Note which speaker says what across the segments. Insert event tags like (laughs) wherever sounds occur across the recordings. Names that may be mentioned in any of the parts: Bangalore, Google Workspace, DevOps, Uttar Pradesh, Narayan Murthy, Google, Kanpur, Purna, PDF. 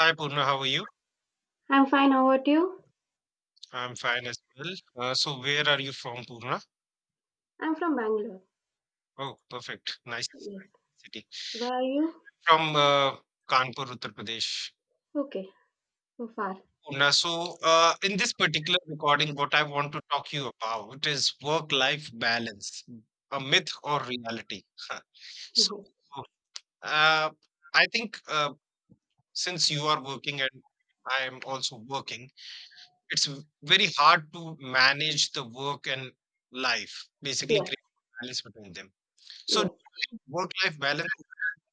Speaker 1: Hi Purna, how are you?
Speaker 2: I'm fine. How about you?
Speaker 1: I'm fine as well. So where are you from, Purna?
Speaker 2: I'm from Bangalore.
Speaker 1: Oh, perfect. Nice
Speaker 2: Yes.
Speaker 1: city.
Speaker 2: Where are you?
Speaker 1: From Kanpur, Uttar Pradesh.
Speaker 2: Okay. So far. (laughs)
Speaker 1: Purna, so in this particular recording, what I want to talk you about is work-life balance, a myth or reality. (laughs) So
Speaker 2: Mhm.
Speaker 1: uh, I think since you are working and I am also working, it's very hard to manage the work and life, basically
Speaker 2: Yes.
Speaker 1: create balance between them. So do
Speaker 2: Yes.
Speaker 1: you think work-life balance is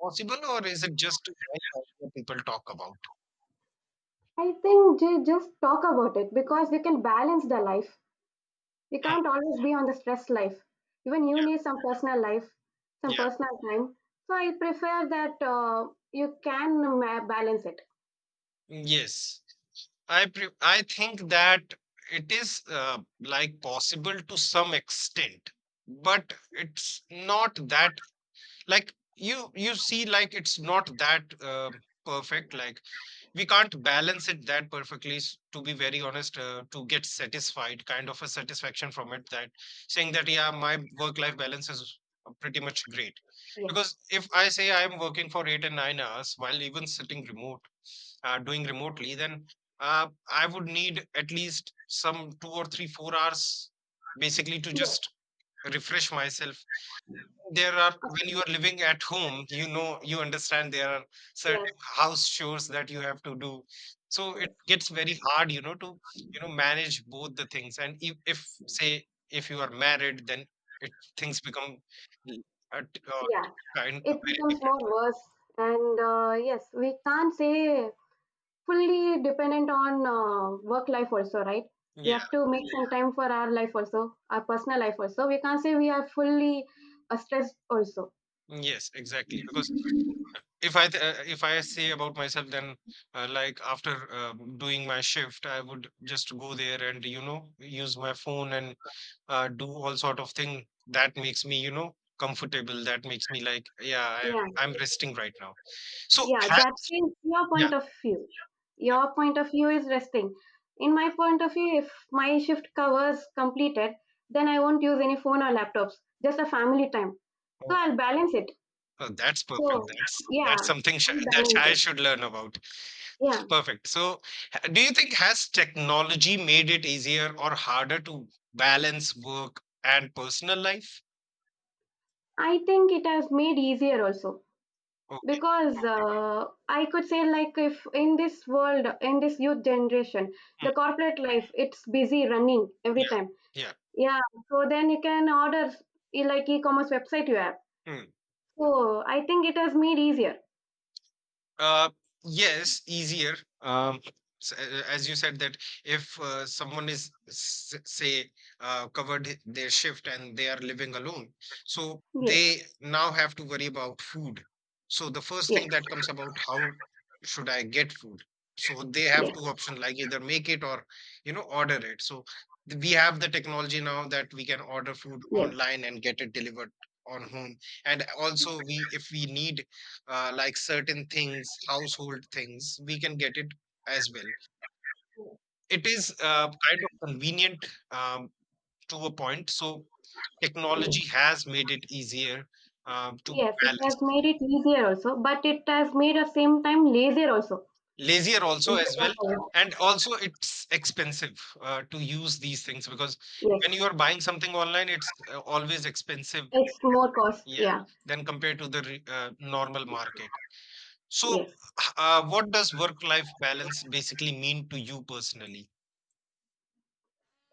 Speaker 1: possible, or is it just a nice idea people talk about?
Speaker 2: I think just talk about it because we can balance the life. We
Speaker 1: Hmm,
Speaker 2: can't always be on the stress life. Even you need some personal life, some
Speaker 1: yeah.
Speaker 2: personal time. So I prefer that you can balance it.
Speaker 1: Yes. I think that it is like possible to some extent, but it's not that, like, you see, like, it's not that perfect. Like, we can't balance it that perfectly, to be very honest, to get satisfied, kind of a satisfaction from it, that saying that, yeah, my work life balance is pretty much great,
Speaker 2: Yes.
Speaker 1: because if I say I'm working for 8 and 9 hours while even sitting remote, doing remotely, then I would need at least some 2 or 3 4 hours basically to
Speaker 2: Yes.
Speaker 1: just refresh myself. There are, when
Speaker 2: Uh,
Speaker 1: you are living at home, you know, you understand, there are certain
Speaker 2: yes.
Speaker 1: house chores that you have to do. So it
Speaker 2: Yes.
Speaker 1: gets very hard to manage both the things, and if say, if you are married, then it things become, l- at, uh,
Speaker 2: Yeah.
Speaker 1: kind of
Speaker 2: It becomes more worse. And yes, we can't say fully dependent on work life also, right? We
Speaker 1: very-
Speaker 2: have to make some, yeah, time for our life also, our personal life also. We can't say we are fully stressed also.
Speaker 1: yeah yes, exactly, because if I say about myself, then like, after doing my shift, I would just go there and use my phone, and do all sort of thing that makes me, comfortable, that makes me, like, yeah,
Speaker 2: Yeah,
Speaker 1: I'm resting right now. So,
Speaker 2: yeah,
Speaker 1: ha-
Speaker 2: that is your
Speaker 1: yeah,
Speaker 2: point of view.
Speaker 1: yeah.
Speaker 2: Your point of view is resting. In my point of view, if my shift covers completed, then I won't use any phone or laptops, just a family time. So
Speaker 1: Oh,
Speaker 2: I'll balance it.
Speaker 1: oh, that's
Speaker 2: So
Speaker 1: perfect. That's
Speaker 2: yeah,
Speaker 1: that's something
Speaker 2: I'll
Speaker 1: that
Speaker 2: balance
Speaker 1: I
Speaker 2: it.
Speaker 1: should learn about.
Speaker 2: Yeah,
Speaker 1: Perfect. So, do you think, has technology made it easier or harder to balance work and personal life?
Speaker 2: I think it has made easier also
Speaker 1: Okay.
Speaker 2: because I could say like if in this world, in this youth generation,
Speaker 1: Mm.
Speaker 2: the corporate life, it's busy running every
Speaker 1: Yeah.
Speaker 2: time.
Speaker 1: Yeah.
Speaker 2: Yeah, so then you can order, like e-commerce website you have.
Speaker 1: Hmm.
Speaker 2: So I think it has made easier.
Speaker 1: Uh, yes, easier. Um, as you said that if someone is, say, covered their shift, and they are living alone, so
Speaker 2: Yes.
Speaker 1: they now have to worry about food. So the first
Speaker 2: Yes.
Speaker 1: thing that comes about, how should I get food? So they have
Speaker 2: Yes.
Speaker 1: two options, like either make it or order it. So we have the technology now that we can order food
Speaker 2: Yes.
Speaker 1: online and get it delivered on home. And also, we if we need like certain things, household things, we can get it as well. So it is, kind of convenient, um, to a point. So
Speaker 2: Yes.
Speaker 1: technology has made it easier, to
Speaker 2: Yes, it
Speaker 1: balance.
Speaker 2: has made it easier also, but it has made at same time lazier also.
Speaker 1: Lazier also,
Speaker 2: If you
Speaker 1: as well.
Speaker 2: should not.
Speaker 1: And also, it's expensive to use these things, because
Speaker 2: Yes,
Speaker 1: when you are buying something online, it's always expensive.
Speaker 2: it's more cost,
Speaker 1: Yeah,
Speaker 2: yeah.
Speaker 1: than compared to the normal market. So,
Speaker 2: Yes.
Speaker 1: what does work-life balance basically mean to you personally?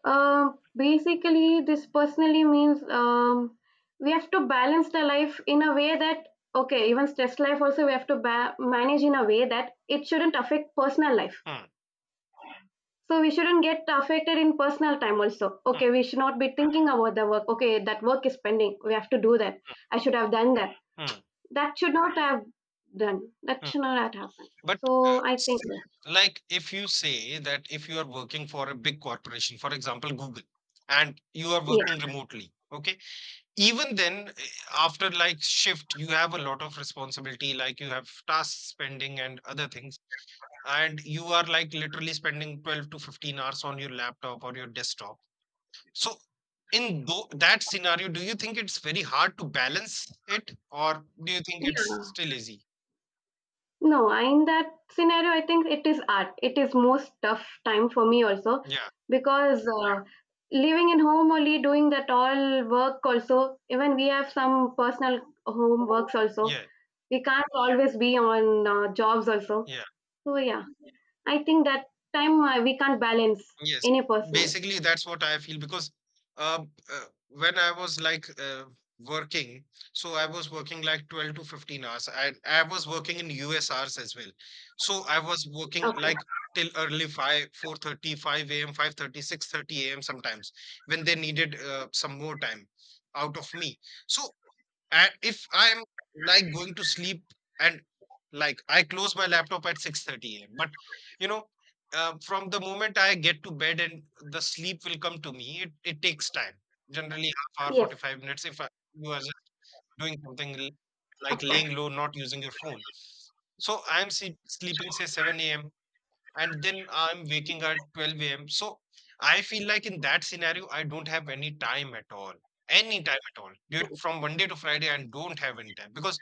Speaker 2: Basically, this personally means, we have to balance the life in a way that, okay, even stress life also we have to manage in a way that it shouldn't affect personal life.
Speaker 1: Mm,
Speaker 2: So we shouldn't get affected in personal time also.
Speaker 1: mm,
Speaker 2: Okay, we should not be thinking about the work. Okay, that work is pending. We have to do that. I should have done that.
Speaker 1: mm,
Speaker 2: That should not have done. That
Speaker 1: mm.
Speaker 2: should not have happened.
Speaker 1: But uh,
Speaker 2: So I think,
Speaker 1: s- like, if you say that if you are working for a big corporation, for example, Google, and you are
Speaker 2: yeah,
Speaker 1: working remotely, okay, even then, after like shift, you have a lot of responsibility, like you have tasks pending and other things, and you are, like, literally spending 12 to 15 hours on your laptop or your desktop. So in that scenario, do you think it's very hard to balance it, or do you think it's
Speaker 2: yeah.
Speaker 1: still easy?
Speaker 2: No, I- In that scenario, I think it is art. It is most tough time for me also
Speaker 1: Yeah.
Speaker 2: because living in home only, doing that all work also, even we have some personal home works also.
Speaker 1: Yeah.
Speaker 2: We can't always be on jobs also.
Speaker 1: Yeah.
Speaker 2: So yeah, I think that time we can't balance
Speaker 1: Yes.
Speaker 2: any personal.
Speaker 1: Basically, that's what I feel, because uh, when I was, like, working, so I was working like 12 to 15 hours. I was working in US hours as well. So I was working
Speaker 2: Okay.
Speaker 1: like till early 5, 4:30, five a.m., 5:30, 6:30 a.m. sometimes, when they needed some more time out of me. So, and if I'm, like, going to sleep, and like I close my laptop at 6:30 a.m. But you know, from the moment I get to bed and the sleep will come to me, it takes time. Generally, half hour,
Speaker 2: Yes,
Speaker 1: 45 minutes, if you are just doing something, like
Speaker 2: of
Speaker 1: laying
Speaker 2: course.
Speaker 1: low, not using your phone. So I'm sleeping say 7 a.m and then I'm waking at 12 a.m. So I feel like in that scenario, I don't have any time at all. Any time at all. From Monday to Friday, I don't have any time, because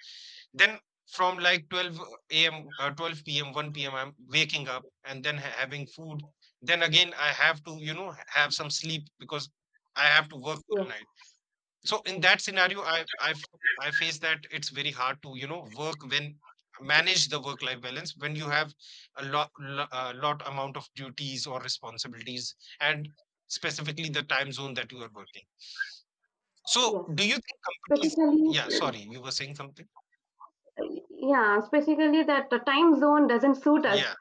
Speaker 1: then from like 12 a.m., 12 p.m., 1 p.m., I'm waking up and then having food. Then again, I have to, have some sleep, because I have to work all
Speaker 2: Yes,
Speaker 1: night. So in that scenario, I face that it's very hard to work, when manage the work life balance when you have a lot amount of duties or responsibilities, and specifically the time zone that you are working. So
Speaker 2: yes.
Speaker 1: do you think companies?
Speaker 2: Specifically,
Speaker 1: Yeah, sorry, you were saying something.
Speaker 2: yeah, specifically that the time zone doesn't suit us.
Speaker 1: Yeah,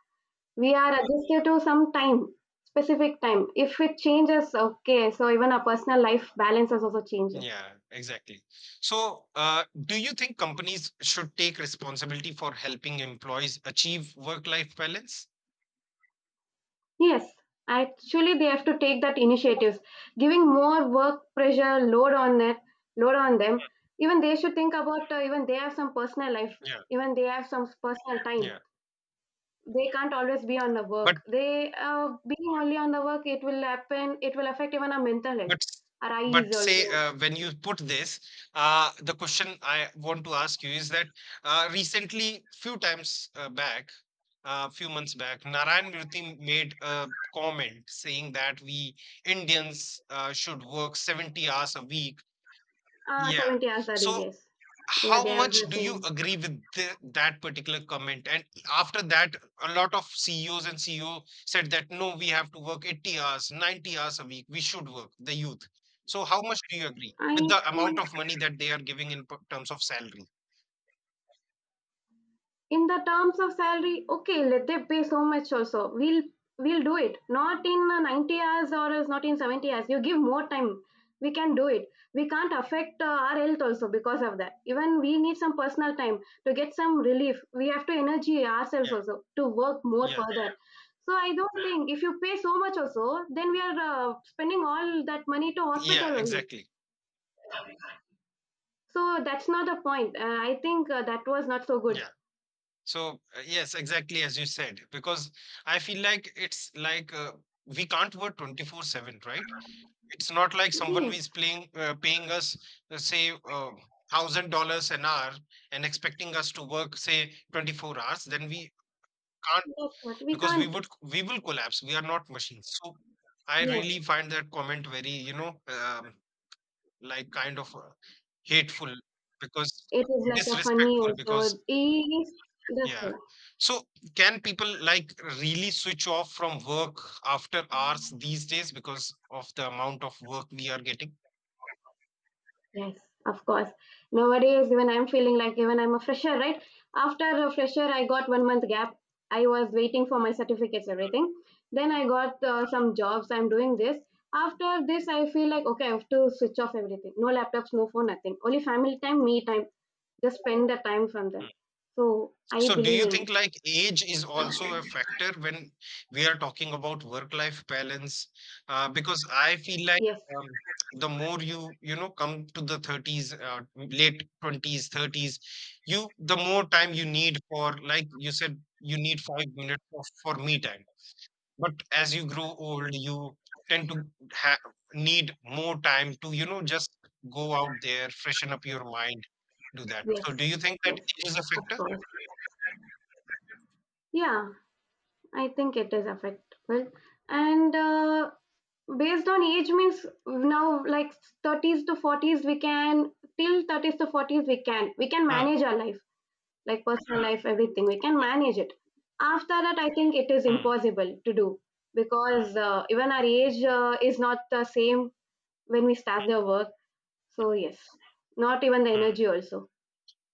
Speaker 2: We are adjusted to some time, specific time. If it changes, okay, so even our personal life balances also changes.
Speaker 1: yeah, exactly. So do you think companies should take responsibility for helping employees achieve work life balance?
Speaker 2: Yes, actually they have to take that initiatives, giving more work pressure load on it, load on them. Even they should think about, even they have some personal life,
Speaker 1: Yeah,
Speaker 2: even they have some personal time.
Speaker 1: yeah.
Speaker 2: They can't always be on the
Speaker 1: But
Speaker 2: work. They, being only on the work, it will happen, it will affect even our mental
Speaker 1: But
Speaker 2: health,
Speaker 1: s-
Speaker 2: our eyes
Speaker 1: but say,
Speaker 2: also.
Speaker 1: when you put this, the question I want to ask you is that recently, a few months back, Narayan Murthy made a comment saying that we Indians should work 70 hours a week.
Speaker 2: Ah,
Speaker 1: Yeah.
Speaker 2: 70 hours a day,
Speaker 1: So
Speaker 2: yes. Yeah,
Speaker 1: how
Speaker 2: they are
Speaker 1: much
Speaker 2: the
Speaker 1: do you
Speaker 2: same.
Speaker 1: agree with that particular comment? And after that, a lot of CEOs and CEO said that, no, we have to work 80 hours, 90 hours a week. We should work, the youth. So, how much do you agree
Speaker 2: I
Speaker 1: with the amount
Speaker 2: think
Speaker 1: of money that they are giving in terms of salary?
Speaker 2: in the terms of salary, okay, let them pay so much also. We'll do it. Not in 90 hours, or is not in 70 hours. You give more time. We can do it. We can't affect our health also because of that. Even we need some personal time to get some relief. We have to energy ourselves
Speaker 1: Yeah,
Speaker 2: also to work more
Speaker 1: yeah,
Speaker 2: further. So I don't think. If you pay so much also, then we are spending all that money to
Speaker 1: yeah,
Speaker 2: hospital only.
Speaker 1: exactly.
Speaker 2: So that's not the point. I think that was not so good.
Speaker 1: Yeah. So, yes, exactly as you said, because I feel like it's like, we can't work 24/7, right? It's not like someone is
Speaker 2: Yes.
Speaker 1: playing paying us, say, $1,000 an hour and expecting us to work, say, 24 hours. Then we can't
Speaker 2: Yes, what we
Speaker 1: because
Speaker 2: can't.
Speaker 1: we will collapse. We are not machines. So I
Speaker 2: Yes,
Speaker 1: really find that comment very, like kind of, hateful, because,
Speaker 2: it is like a funny
Speaker 1: disrespectful, because,
Speaker 2: also. Is this
Speaker 1: yeah.
Speaker 2: one?
Speaker 1: So, can people, like, really switch off from work after hours these days, because of the amount of work we are getting?
Speaker 2: Yes, of course. Nowadays, when I'm feeling like, even I'm a fresher, right? After a fresher, I got 1 month gap. I was waiting for my certificates, everything. Then I got some jobs. I'm doing this. After this, I feel like, okay, I have to switch off everything. No laptops, no phone, nothing. Only family time, me time. Just spend the time from them. So I
Speaker 1: So do
Speaker 2: believe
Speaker 1: you
Speaker 2: in
Speaker 1: think
Speaker 2: it.
Speaker 1: like age is also a factor when we are talking about work-life balance? Because I feel like,
Speaker 2: Yes,
Speaker 1: um, the more you you know come to the 30s, late 20s, 30s, you the more time you need, for, like you said, you need 5 minutes for me time. But as you grow old, you tend to ha- need more time to just go out there, freshen up your mind, do that.
Speaker 2: yes,
Speaker 1: So do you think that
Speaker 2: yes.
Speaker 1: age is a
Speaker 2: Of
Speaker 1: factor?
Speaker 2: course. Yeah, I think it is affectable. And based on age means now like 30s to 40s we can, till 30s to 40s we can
Speaker 1: Hmm.
Speaker 2: manage our life, like personal life, everything we can
Speaker 1: Yeah.
Speaker 2: manage it. After that I think it is
Speaker 1: Mm,
Speaker 2: impossible to do because even our age is not the same when we start the work. So yes, not even the
Speaker 1: mm.
Speaker 2: energy also.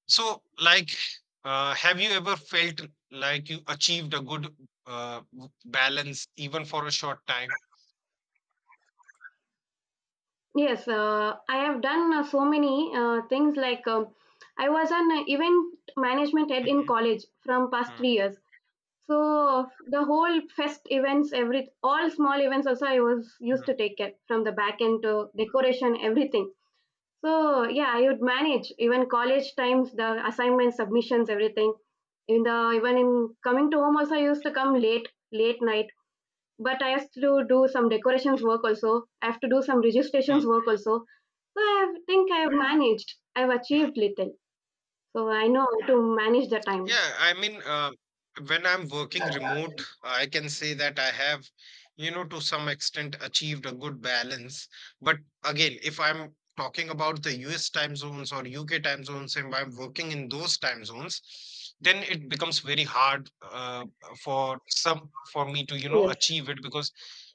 Speaker 1: So, like, have you ever felt like you achieved a good, balance, even for a short time?
Speaker 2: Yes, I have done so many things like, I was an event management head in
Speaker 1: Mhm,
Speaker 2: college from past
Speaker 1: mm,
Speaker 2: 3 years. So the whole fest events, every all small events also I was
Speaker 1: mm,
Speaker 2: used to take care from the back end to decoration, everything. So yeah, I would manage even college times, the assignments, submissions, everything. In the even in coming to home also I used to come late, late night, but I have to do some decorations work also. I have to do some
Speaker 1: mm,
Speaker 2: registrations work also. So I think I have managed. I've
Speaker 1: mm.
Speaker 2: achieved little. So I know how to manage the time.
Speaker 1: Yeah, I mean, when I'm working remote, I can say that I have, to some extent achieved a good balance. But again, if I'm talking about the US time zones or UK time zones, and I'm working in those time zones, then it becomes very hard, for me to,
Speaker 2: Yes,
Speaker 1: achieve it, because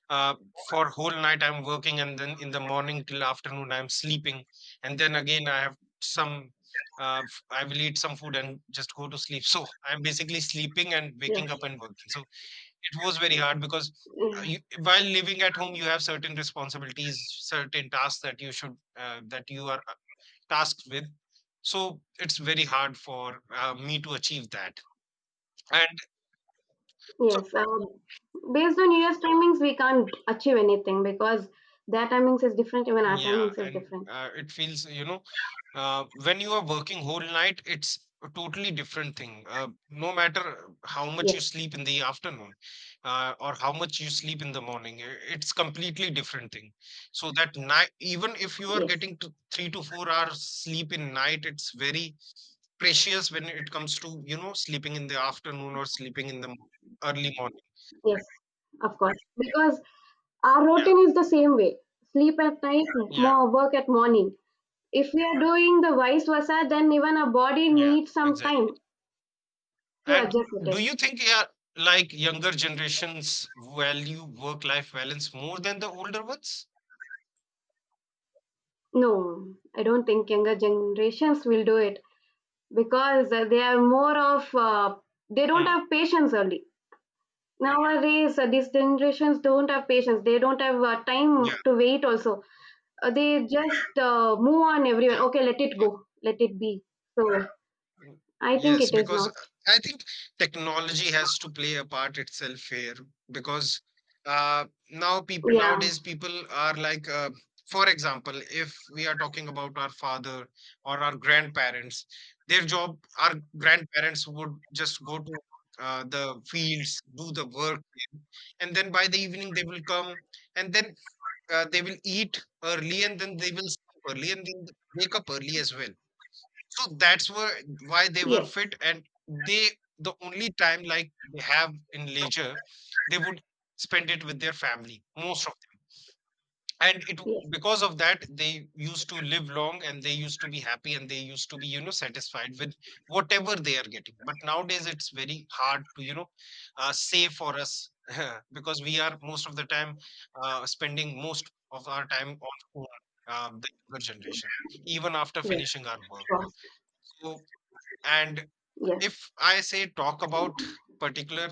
Speaker 1: uh, for whole night I'm working, and then in the morning till afternoon I'm sleeping, and then again I have some, I will eat some food and just go to sleep. (laughs) So I'm basically sleeping and waking up and
Speaker 2: yes,
Speaker 1: working. So it was very hard, because
Speaker 2: yeah,
Speaker 1: while living at home, you have certain responsibilities, certain tasks that you should, that you are, tasked with. So it's very hard for me to achieve that. And so,
Speaker 2: yes. Based on US timings, we can't achieve anything because their timings is different. Even our
Speaker 1: yeah.
Speaker 2: timings is
Speaker 1: And
Speaker 2: different.
Speaker 1: it feels. When you are working whole night, it's a totally different thing. No matter how much you
Speaker 2: Yes,
Speaker 1: sleep in the afternoon, or how much you sleep in the morning, it's completely different thing. So that night, even if you are
Speaker 2: yes,
Speaker 1: getting to 3 to 4 hours sleep in night, it's very precious, when it comes to sleeping in the afternoon or sleeping in the early morning.
Speaker 2: yes. Of course, because our
Speaker 1: Yeah,
Speaker 2: routine is the same way. Sleep at night,
Speaker 1: yeah,
Speaker 2: more work at morning. If we are doing the vice versa, then even our body
Speaker 1: yeah,
Speaker 2: needs some time
Speaker 1: exactly.
Speaker 2: to
Speaker 1: And
Speaker 2: adjust with
Speaker 1: do
Speaker 2: it.
Speaker 1: you think, yeah, like younger generations value work life balance more than the older ones?
Speaker 2: No, I don't think younger generations will do it because they are more of they don't
Speaker 1: Hmm.
Speaker 2: have patience only. Nowadays, these generations don't have patience. They don't have
Speaker 1: Yeah,
Speaker 2: time to wait. Also, they just move on everyone.
Speaker 1: yeah.
Speaker 2: Okay, let it go, let it be. So
Speaker 1: Mm.
Speaker 2: I think
Speaker 1: Yes,
Speaker 2: it is
Speaker 1: because
Speaker 2: not.
Speaker 1: I think technology has to play a part itself here, because uh,
Speaker 2: Yeah.
Speaker 1: nowadays people are, like, for example, if we are talking about our father or our grandparents, their job, our grandparents would just go to the fields, do the work, and then by the evening they will come, and then they will eat early and then they will sleep early and then they wake up early as well, so that's where why they were
Speaker 2: Yes.
Speaker 1: fit, and the only time, like, they have in leisure, they would spend it with their family, most of them. And it
Speaker 2: Yes.
Speaker 1: because of that, they used to live long and they used to be happy and they used to be satisfied with whatever they are getting. But nowadays it's very hard to save for us (laughs) because we are most of the time spending most of our time on phone, the younger generation, even after
Speaker 2: Yes.
Speaker 1: finishing our
Speaker 2: Of
Speaker 1: work.
Speaker 2: course.
Speaker 1: So, and
Speaker 2: Yes.
Speaker 1: if I say, talk about particular,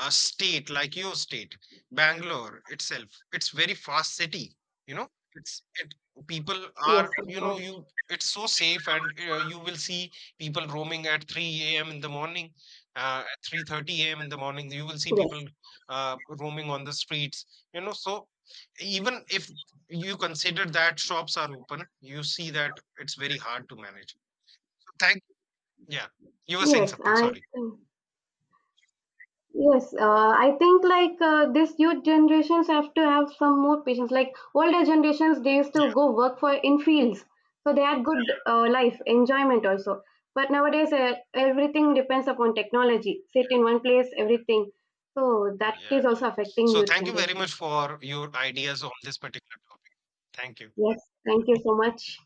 Speaker 1: state, like your state, Bangalore itself, it's very fast city. You know, it's it people
Speaker 2: Yes.
Speaker 1: are,
Speaker 2: Of
Speaker 1: you know
Speaker 2: course.
Speaker 1: you it's so safe, and you will see people roaming at 3 a.m. in the morning, at 3:30 a.m. in the morning. You will see people
Speaker 2: Yes,
Speaker 1: roaming on the streets. So even if you consider that shops are open, you see that it's very hard to manage. Thank Yeah. You were saying
Speaker 2: yes,
Speaker 1: something,
Speaker 2: I
Speaker 1: sorry.
Speaker 2: think, yes, I think like this youth generations have to have some more patience. Like older generations, they used
Speaker 1: Yeah.
Speaker 2: to go work for in fields, so they had good life enjoyment also. But nowadays, everything depends upon technology. Sit in one place, everything. So that
Speaker 1: Yeah,
Speaker 2: is
Speaker 1: yeah.
Speaker 2: also affecting
Speaker 1: So
Speaker 2: youth
Speaker 1: thank you very much
Speaker 2: generations.
Speaker 1: for your ideas on this particular topic. Thank you.
Speaker 2: Yes, thank you so much.